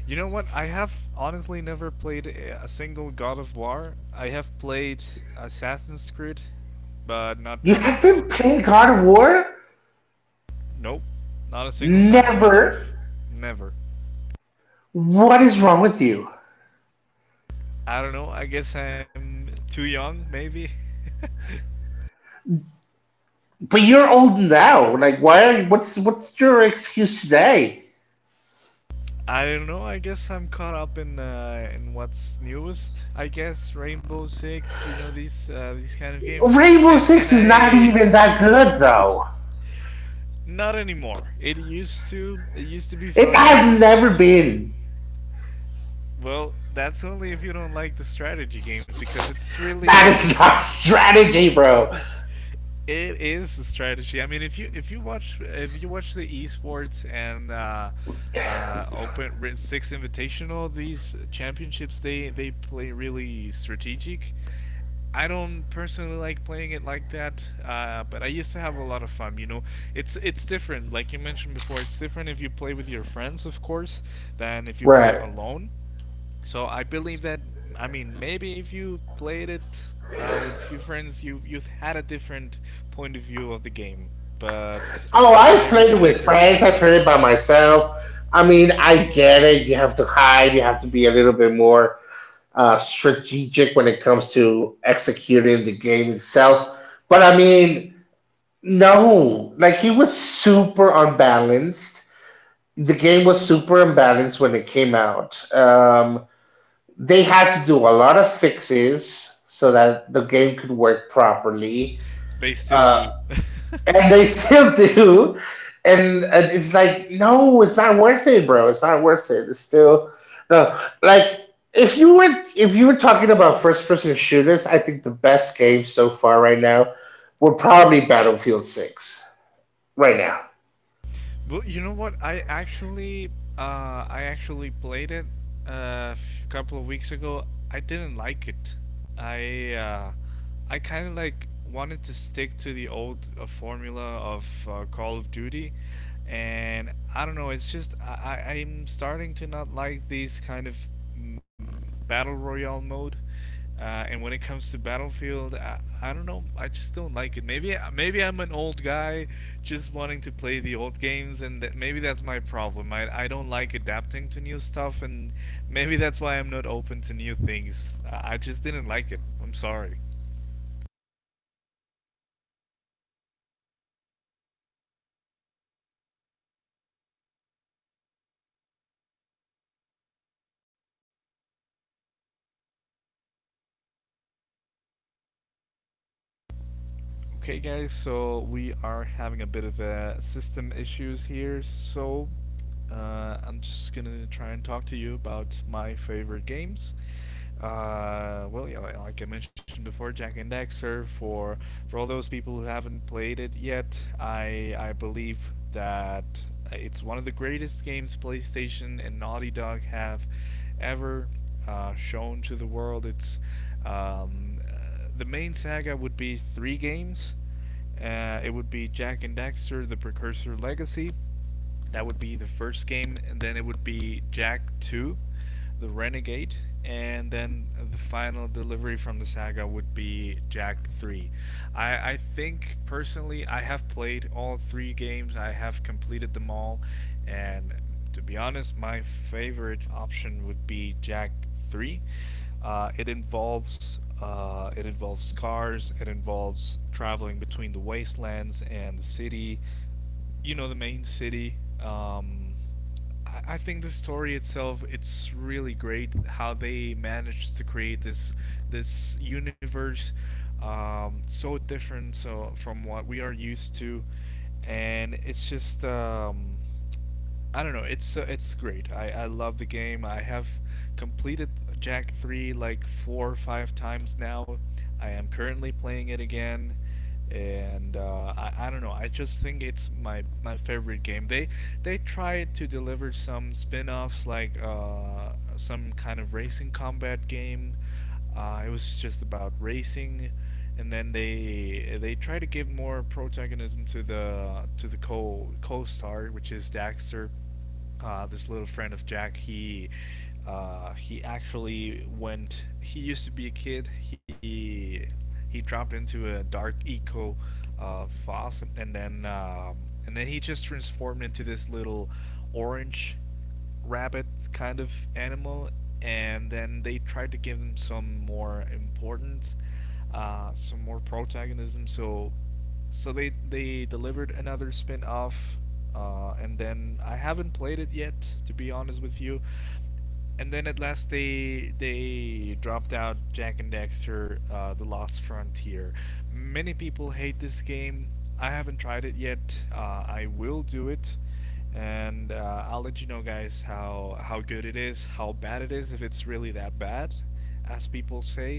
You know what? I have honestly never played a single God of War. I have played Assassin's Creed, but not You God of haven't War. played God of War? Nope. Not a single time in my life. Never. Never. What is wrong with you? I don't know. I guess I'm too young, maybe. But you're old now. Like, why are you? What's your excuse today? I don't know. I guess I'm caught up in what's newest. I guess Rainbow Six, you know these kind of games, Rainbow and and Six is not I even that good, though. Not anymore. It used to. It used to be It has funnier. never been. Well, that's only if you don't like the strategy games because it's That really is not strategy, bro. It is a strategy. I mean, if you if you watch the esports and Open Ri- Six Invitational, these championships they play really strategic. I don't personally like playing it like that, but I used to have a lot of fun. You know, it's different. Like you mentioned before, it's different if you play with your friends, of course, than if you play Right. alone, so I believe that I mean maybe if you played it with a few friends, you you've had a different point of view of the game. But Oh, I I've played it with respect your friends. I opinion. played it by myself. I mean, I get it. You have to hide. You have to be a little bit more strategic when it comes to executing the game itself. But I mean, no. Like, it was super unbalanced, the game was super imbalanced when it came out. They had to do a lot of fixes so that the game could work properly, They still uh, do. and they still do. And it's like, no, it's not worth it, bro. It's not worth it. It's still no. Like, if you were talking about first person shooters, I think the best game so far right now would probably Battlefield Six right now. Well, you know what? I actually played it couple of weeks ago. I didn't like it. I I kind of like wanted to stick to the old formula of Call of Duty, and I don't know. It's just I'm starting to not like these kind of battle royale mode. And when it comes to Battlefield, I don't know. I just don't like it. Maybe maybe I'm an old guy, just wanting to play the old games, and that, maybe that's my problem. I don't like adapting to new stuff, and maybe that's why I'm not open to new things. I just didn't like it. I'm sorry. Okay, guys. So we are having a bit of a system issues here. So I'm just gonna try and talk to you about my favorite games. Well, yeah, like I mentioned before, Jack and Daxter. For all those people who haven't played it yet, I believe that it's one of the greatest games PlayStation and Naughty Dog have ever shown to the world. It's the main saga would be three games. It would be Jack and Daxter, The Precursor Legacy, that would be the first game, and then it would be Jack 2, The Renegade, and then the final delivery from the saga would be Jack 3. I think personally, I have played all three games, I have completed them all, and to be honest, my favorite option would be Jack 3. It involves cars, it involves traveling between the wastelands and the city, you know the main city. Um, I think the story itself it's really great how they managed to create this universe so different so from what we are used to, and it's just I don't know. It's great. I love the game. I have completed Jack 3 like 4 or 5 times now. I am currently playing it again, and I don't know, I just think it's my favorite game. They tried to deliver some spin-offs like some kind of racing combat game. It was just about racing, and then they try to give more protagonism to the to the co star, which is Daxter. This little friend of Jack, he actually went. He used to be a kid. He dropped into a dark eco foss, and then he just transformed into this little orange rabbit kind of animal, and then they tried to give him some more importance, some more protagonism. So they delivered another spin off, and then I haven't played it yet, to be honest with you. And then at last they dropped out Jack and Dexter: The Lost Frontier. Many people hate this game. I haven't tried it yet. I will do it, and I'll let you know, guys, how good it is, how bad it is, if it's really that bad, as people say.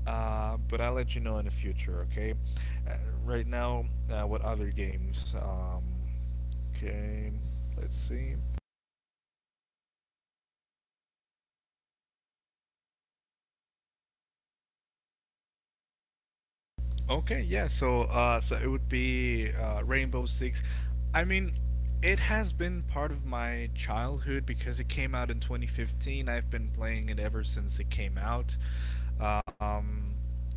But I'll let you know in the future. Okay. Uh, right now, what other games? Okay, let's see. Okay, yeah. So, so it would be Rainbow Six. I mean, it has been part of my childhood because it came out in 2015. I've been playing it ever since it came out. Um,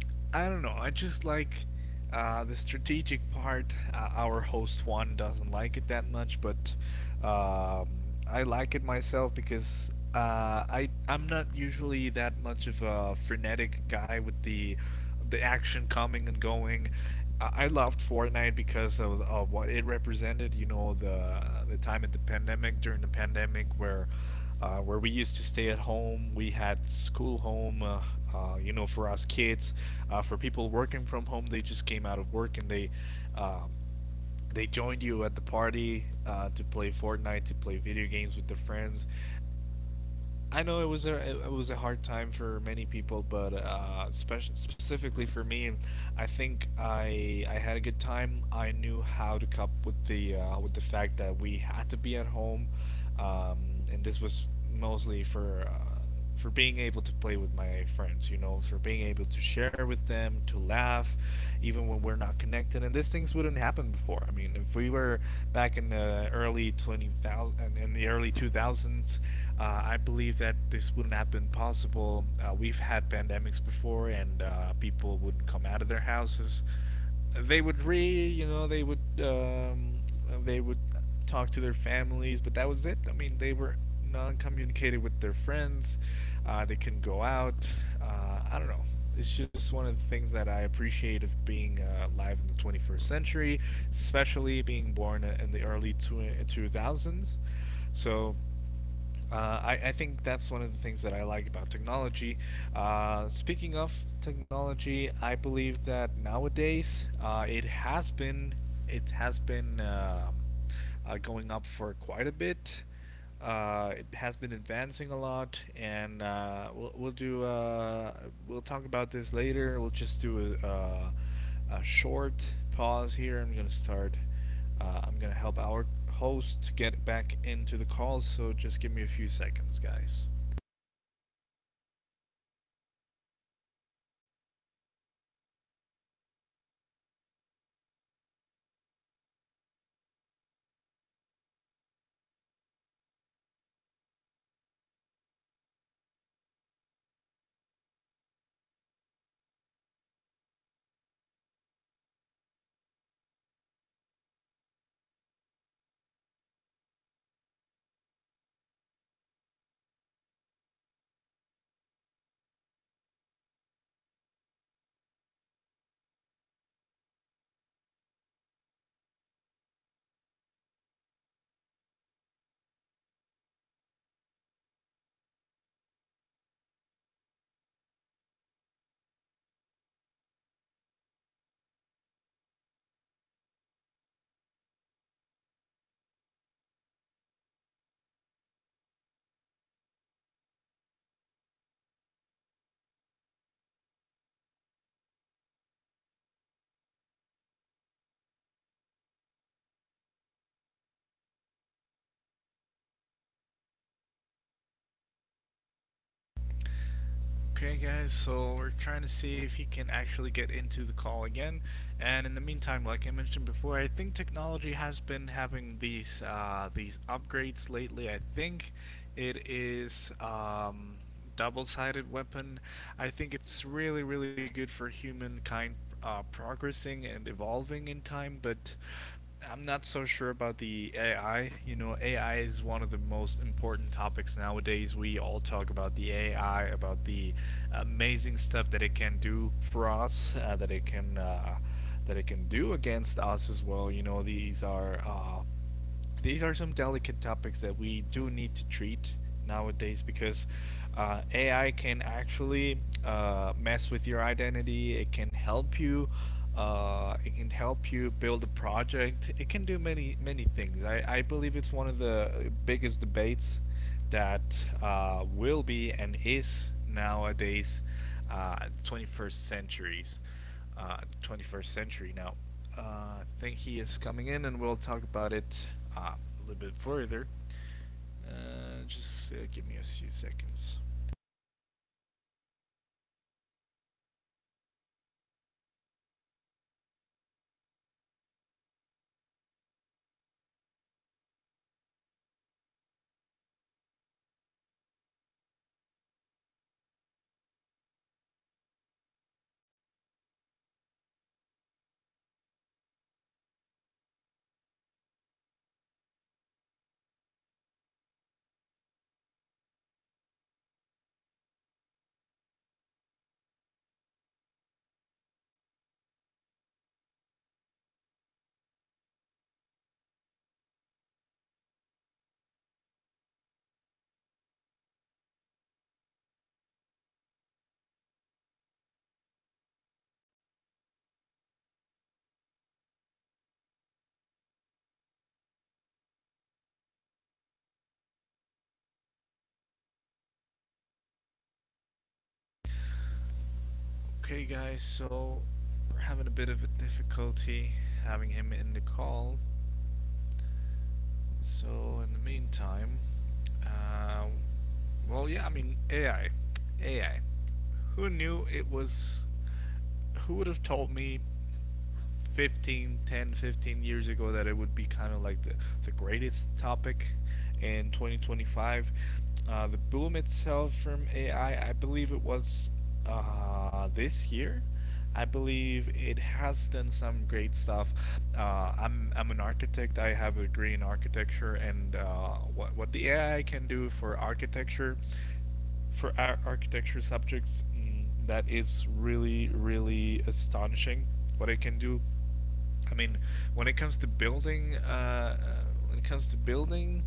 I don't know. I just like the strategic part. Our host Juan doesn't like it that much, but um, I like it myself because I'm not usually that much of a frenetic guy with the action coming and going. I loved Fortnite because of what it represented. You know, the time at the pandemic during the pandemic where we used to stay at home, we had school home. You know, for us kids, for people working from home, they just came out of work and they. Um, they joined you at the party to play Fortnite, to play video games with their friends. I know it was a hard time for many people, but specifically for me, I think I had a good time. I knew how to cope with the fact that we had to be at home, um, and this was mostly for being able to play with my friends. You know, for being able to share with them, to laugh, even when we're not connected. And these things wouldn't happen before. I mean, if we were back in the early 2000s, I believe that this wouldn't have been possible. We've had pandemics before, and people wouldn't come out of their houses. They would read, you know, they would talk to their families, but that was it. I mean, they were non-communicated with their friends. They couldn't go out. I don't know. It's just one of the things that I appreciate of being live in the 21st century, especially being born in the early 2000s. So I think that's one of the things that I like about technology. Speaking of technology, I believe that nowadays it has been going up for quite a bit. It has been advancing a lot, and we'll do we'll talk about this later. We'll just do a short pause here. I'm gonna start. I'm gonna help our host get back into the call, so just give me a few seconds, guys. Okay, guys, so we're trying to see if he can actually get into the call again. And in the meantime, like I mentioned before, I think technology has been having these upgrades lately. I think it is double-sided weapon. I think it's really really good for humankind progressing and evolving in time, but I'm not so sure about the AI. You know, AI is one of the most important topics nowadays. We all talk about the AI, about the amazing stuff that it can do for us, that it can do against us as well. You know, these are some delicate topics that we do need to treat nowadays because AI can actually mess with your identity. It can help you. It can help you build a project. It can do many many things. I believe it's one of the biggest debates that will be and is nowadays, uh, 21st centuries uh, 21st century now. uh, I think he is coming in, and we'll talk about it a little bit further. Just Give me a few seconds. Okay, guys, so we're having a bit of a difficulty having him in the call. So in the meantime, uh, yeah, I mean, AI, AI. Who knew it was? Who would have told me 15 ago that it would be kind of like the greatest topic in 2025. The boom itself from AI, I believe it was this year. I believe it has done some great stuff. I'm an architect. I have a degree in architecture, and what the AI can do for architecture, for our architecture subjects, that is really really astonishing what it can do. I mean, when it comes to building, uh, uh, when it comes to building,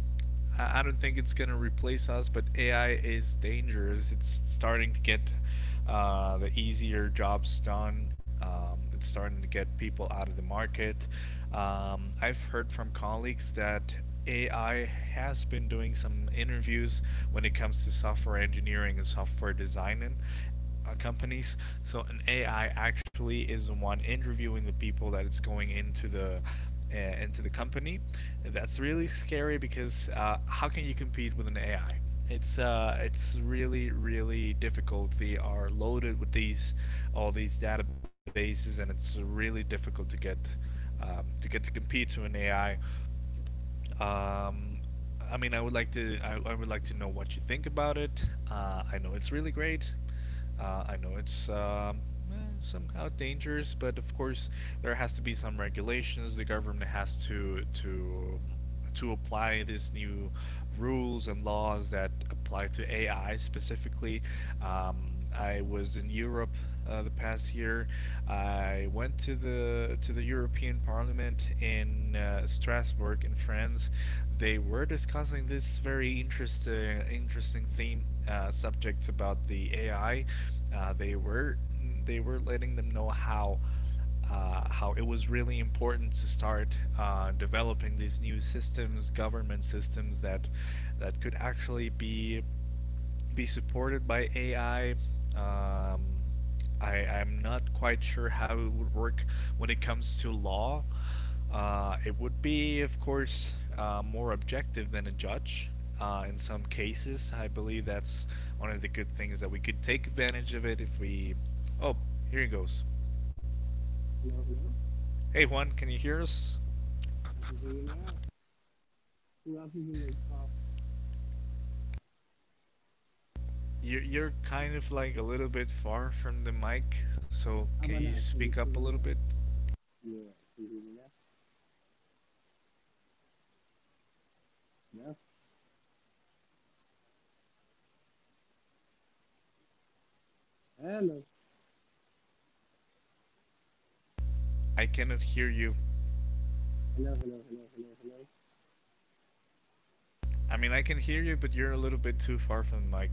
I don't think it's gonna replace us. But AI is dangerous. It's starting to get the easier jobs done. It's starting to get people out of the market. I've heard from colleagues that AI has been doing some interviews when it comes to software engineering and software designing companies. So an AI actually is the one interviewing the people that it's going uh, into the company. And that's really scary because how can you compete with an AI? It's really really difficult. They are loaded with these all these databases, and it's really difficult to get to compete to an AI. Um, I mean, I would like to know what you think about it. I know it's really great. I know it's eh, somehow dangerous, but of course there has to be some regulations. The government has to apply these new rules and laws that apply to AI specifically. Um, I was in Europe the past year. I went to the European Parliament in Strasbourg in France. They were discussing this very interesting interesting theme, subjects about the AI. uh, they were they were letting them know how it was really important to start developing these new systems, government systems that could actually be supported by AI. Um, I'm not quite sure how it would work when it comes to law. It would be, of course, more objective than a judge. In some cases, I believe that's one of the good things that we could take advantage of it if we. Oh, here he goes. Hey, Juan, can you hear us? You're kind of like a little bit far from the mic, so can you speak up a little bit? I cannot hear you. I mean, I can hear you, but you're a little bit too far from the mic.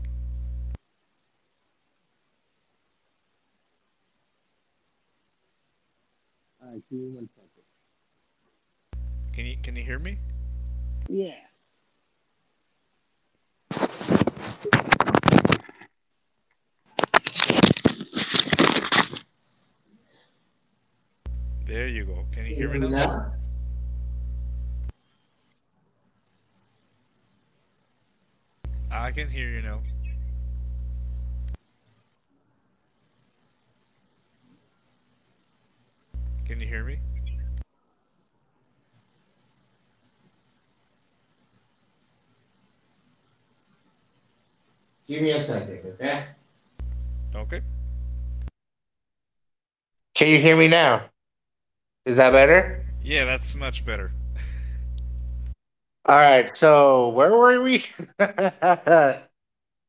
Can you hear me? There you go. Can you Can you hear hear me me now? now? I can hear you now. Can you hear me? Give me a second, okay? Okay. Can you hear me now? Is that better? Yeah, that's much better. All right. So where were we? And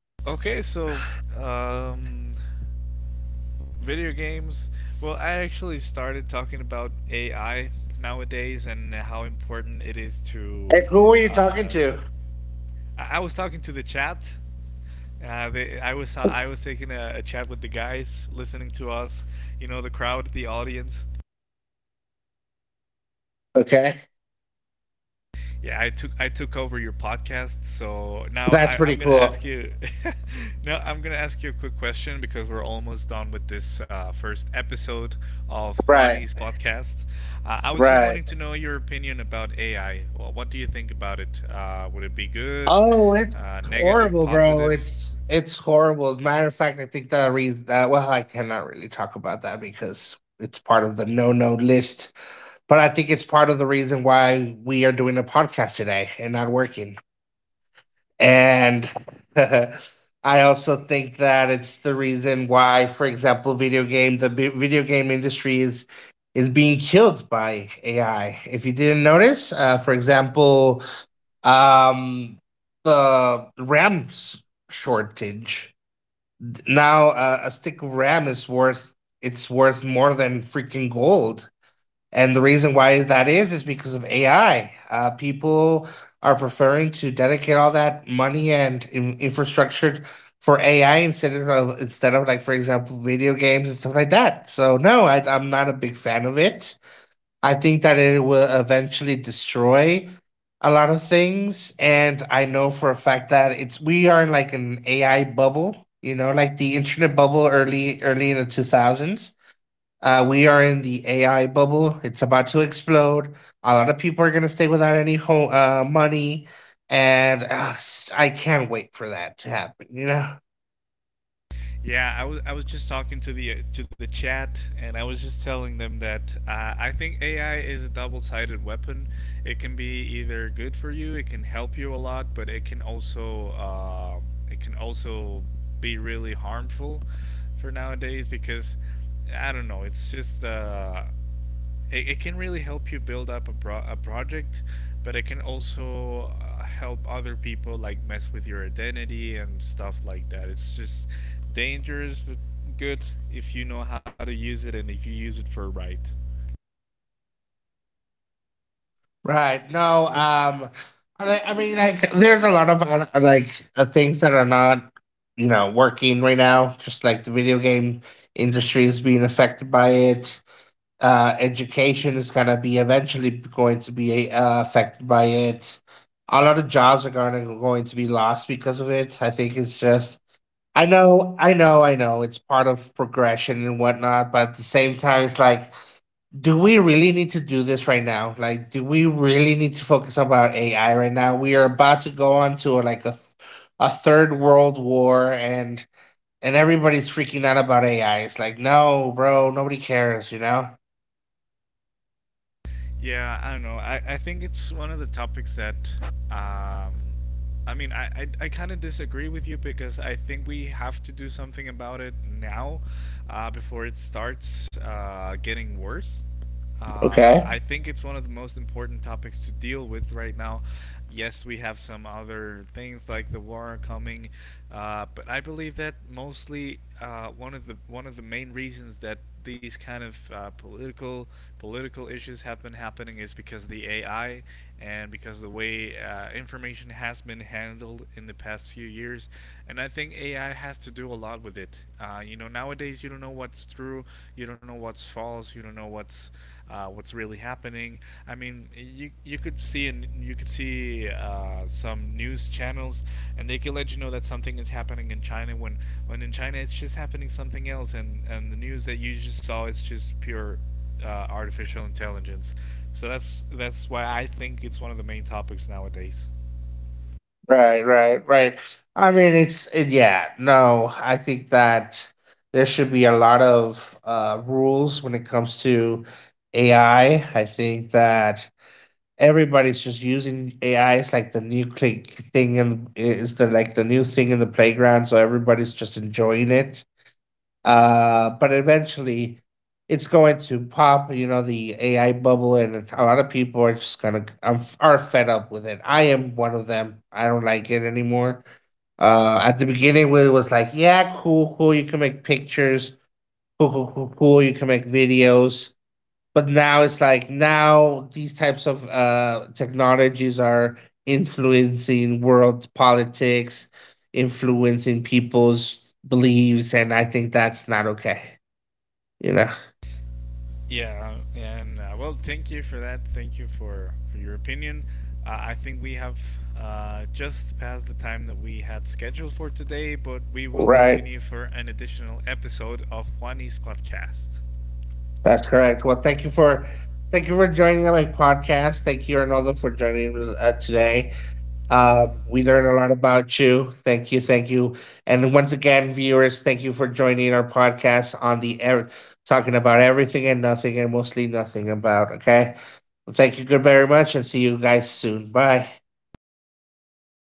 Okay, so um, video games. Well, I actually started talking about AI nowadays and how important it is to who were you uh, talking to? I was talking to the chat. I was taking a chat with the guys listening to us. You know, the crowd, the audience. Okay, Yeah, I took, I took over your podcast, so now that's I'm pretty gonna cool. ask you. Now I'm gonna ask you a quick question because we're almost done with this first episode of Right. Juani's podcast. I was just wanting Right. to know your opinion about AI. Well, what do you think about it? Would it be good, Oh, it's negative, horrible, bro. positive? It's horrible. Matter of fact, I think that reason. Well, I cannot really talk about that because it's part of the no no list. But I think it's part of the reason why we are doing a podcast today and not working. And I also think that it's the reason why, for example, video game industry is being killed by AI. If you didn't notice, for example, um, the shortage. Now, a stick of RAM is worth it's worth more than freaking gold. And the reason why that is because of AI. People are preferring to dedicate all that money and infrastructure for AI instead of like for example video games and stuff like that. So no, I'm not a big fan of it. I think that it will eventually destroy a lot of things, and I know for a fact that it's we are in like an AI bubble. You know, like the internet bubble early in the 2000s, we are in the AI bubble. It's about to explode. A lot of people are going to stay without any home money, and I can't wait for that to happen. You know. Yeah, I was, I was just talking to the chat, and I was just telling them that I think AI is a double-sided weapon. It can be either good for you, it can help you a lot, but it can also be really harmful for nowadays because I don't know. It can really help you build up a project, but it can also help other people like mess with your identity and stuff like that. It's just dangerous but good if you know how to use it and if you use it for right. Right. No. I mean, like, there's a lot of like things that are not, you know, working right now. Just like the video game industry is being affected by it. Education is gonna be eventually going to be affected by it. A lot of jobs are gonna going to be lost because of it. I think it's just. I know. It's part of progression and whatnot, but at the same time, it's like, do we really need to do this right now? Like, do we really need to focus about AI right now? We are about to go on to like a third world war, and everybody's freaking out about AI. It's like, no, bro, nobody cares, you know? Yeah, I don't know. I think it's one of the topics that um, I kind of disagree with you because I think we have to do something about it now before it starts getting worse. I Okay, think it's one of the most important topics to deal with right now. Yes, we have some other things like the war coming, but I believe that mostly one of the main reasons that these kind of political issues have been happening is because of the AI, and because of the way information has been handled in the past few years. And I think AI has to do a lot with up with it. You know, nowadays you don't know what's true, you don't know what's false, you don't know what's really happening. I mean, you could see, and you could see some news channels, and they could let you know that something is happening in China when in China it's just happening something else, and the news that you just saw is just pure artificial intelligence. So that's why I think it's one of the main topics nowadays. right, right, right. I mean, it's it, yeah, no, I think that there should be a lot of rules when it comes to AI. I think that everybody's just using AI. It's like the new click thing, and it's the like the new thing in the playground. So everybody's just enjoying it. But eventually, it's going to pop. You know, the AI bubble, and a lot of people are just gonna are fed up with it. I am one of them. I don't like it anymore. At the beginning, where it was like, yeah, cool, cool. You can make pictures. Cool, cool, cool, cool. You can make videos, but now it's like, now these types of technologies are influencing world politics, influencing people's beliefs, and I think that's not okay, you know? Yeah, and thank you for that. Thank you for your opinion. I think we have just passed the time that we had scheduled for today, but we will Right, continue for an additional episode of Juani's podcast. that's correct. Well, thank you for joining my podcast. Thank you, Arnoldo, for joining us today. We learned a lot about you. Thank you. Thank you. And once again, viewers, thank you for joining our podcast on the air, talking about everything and nothing and mostly nothing about. Okay. Well, thank you good very much, and see you guys soon. Bye. Thank you for having me.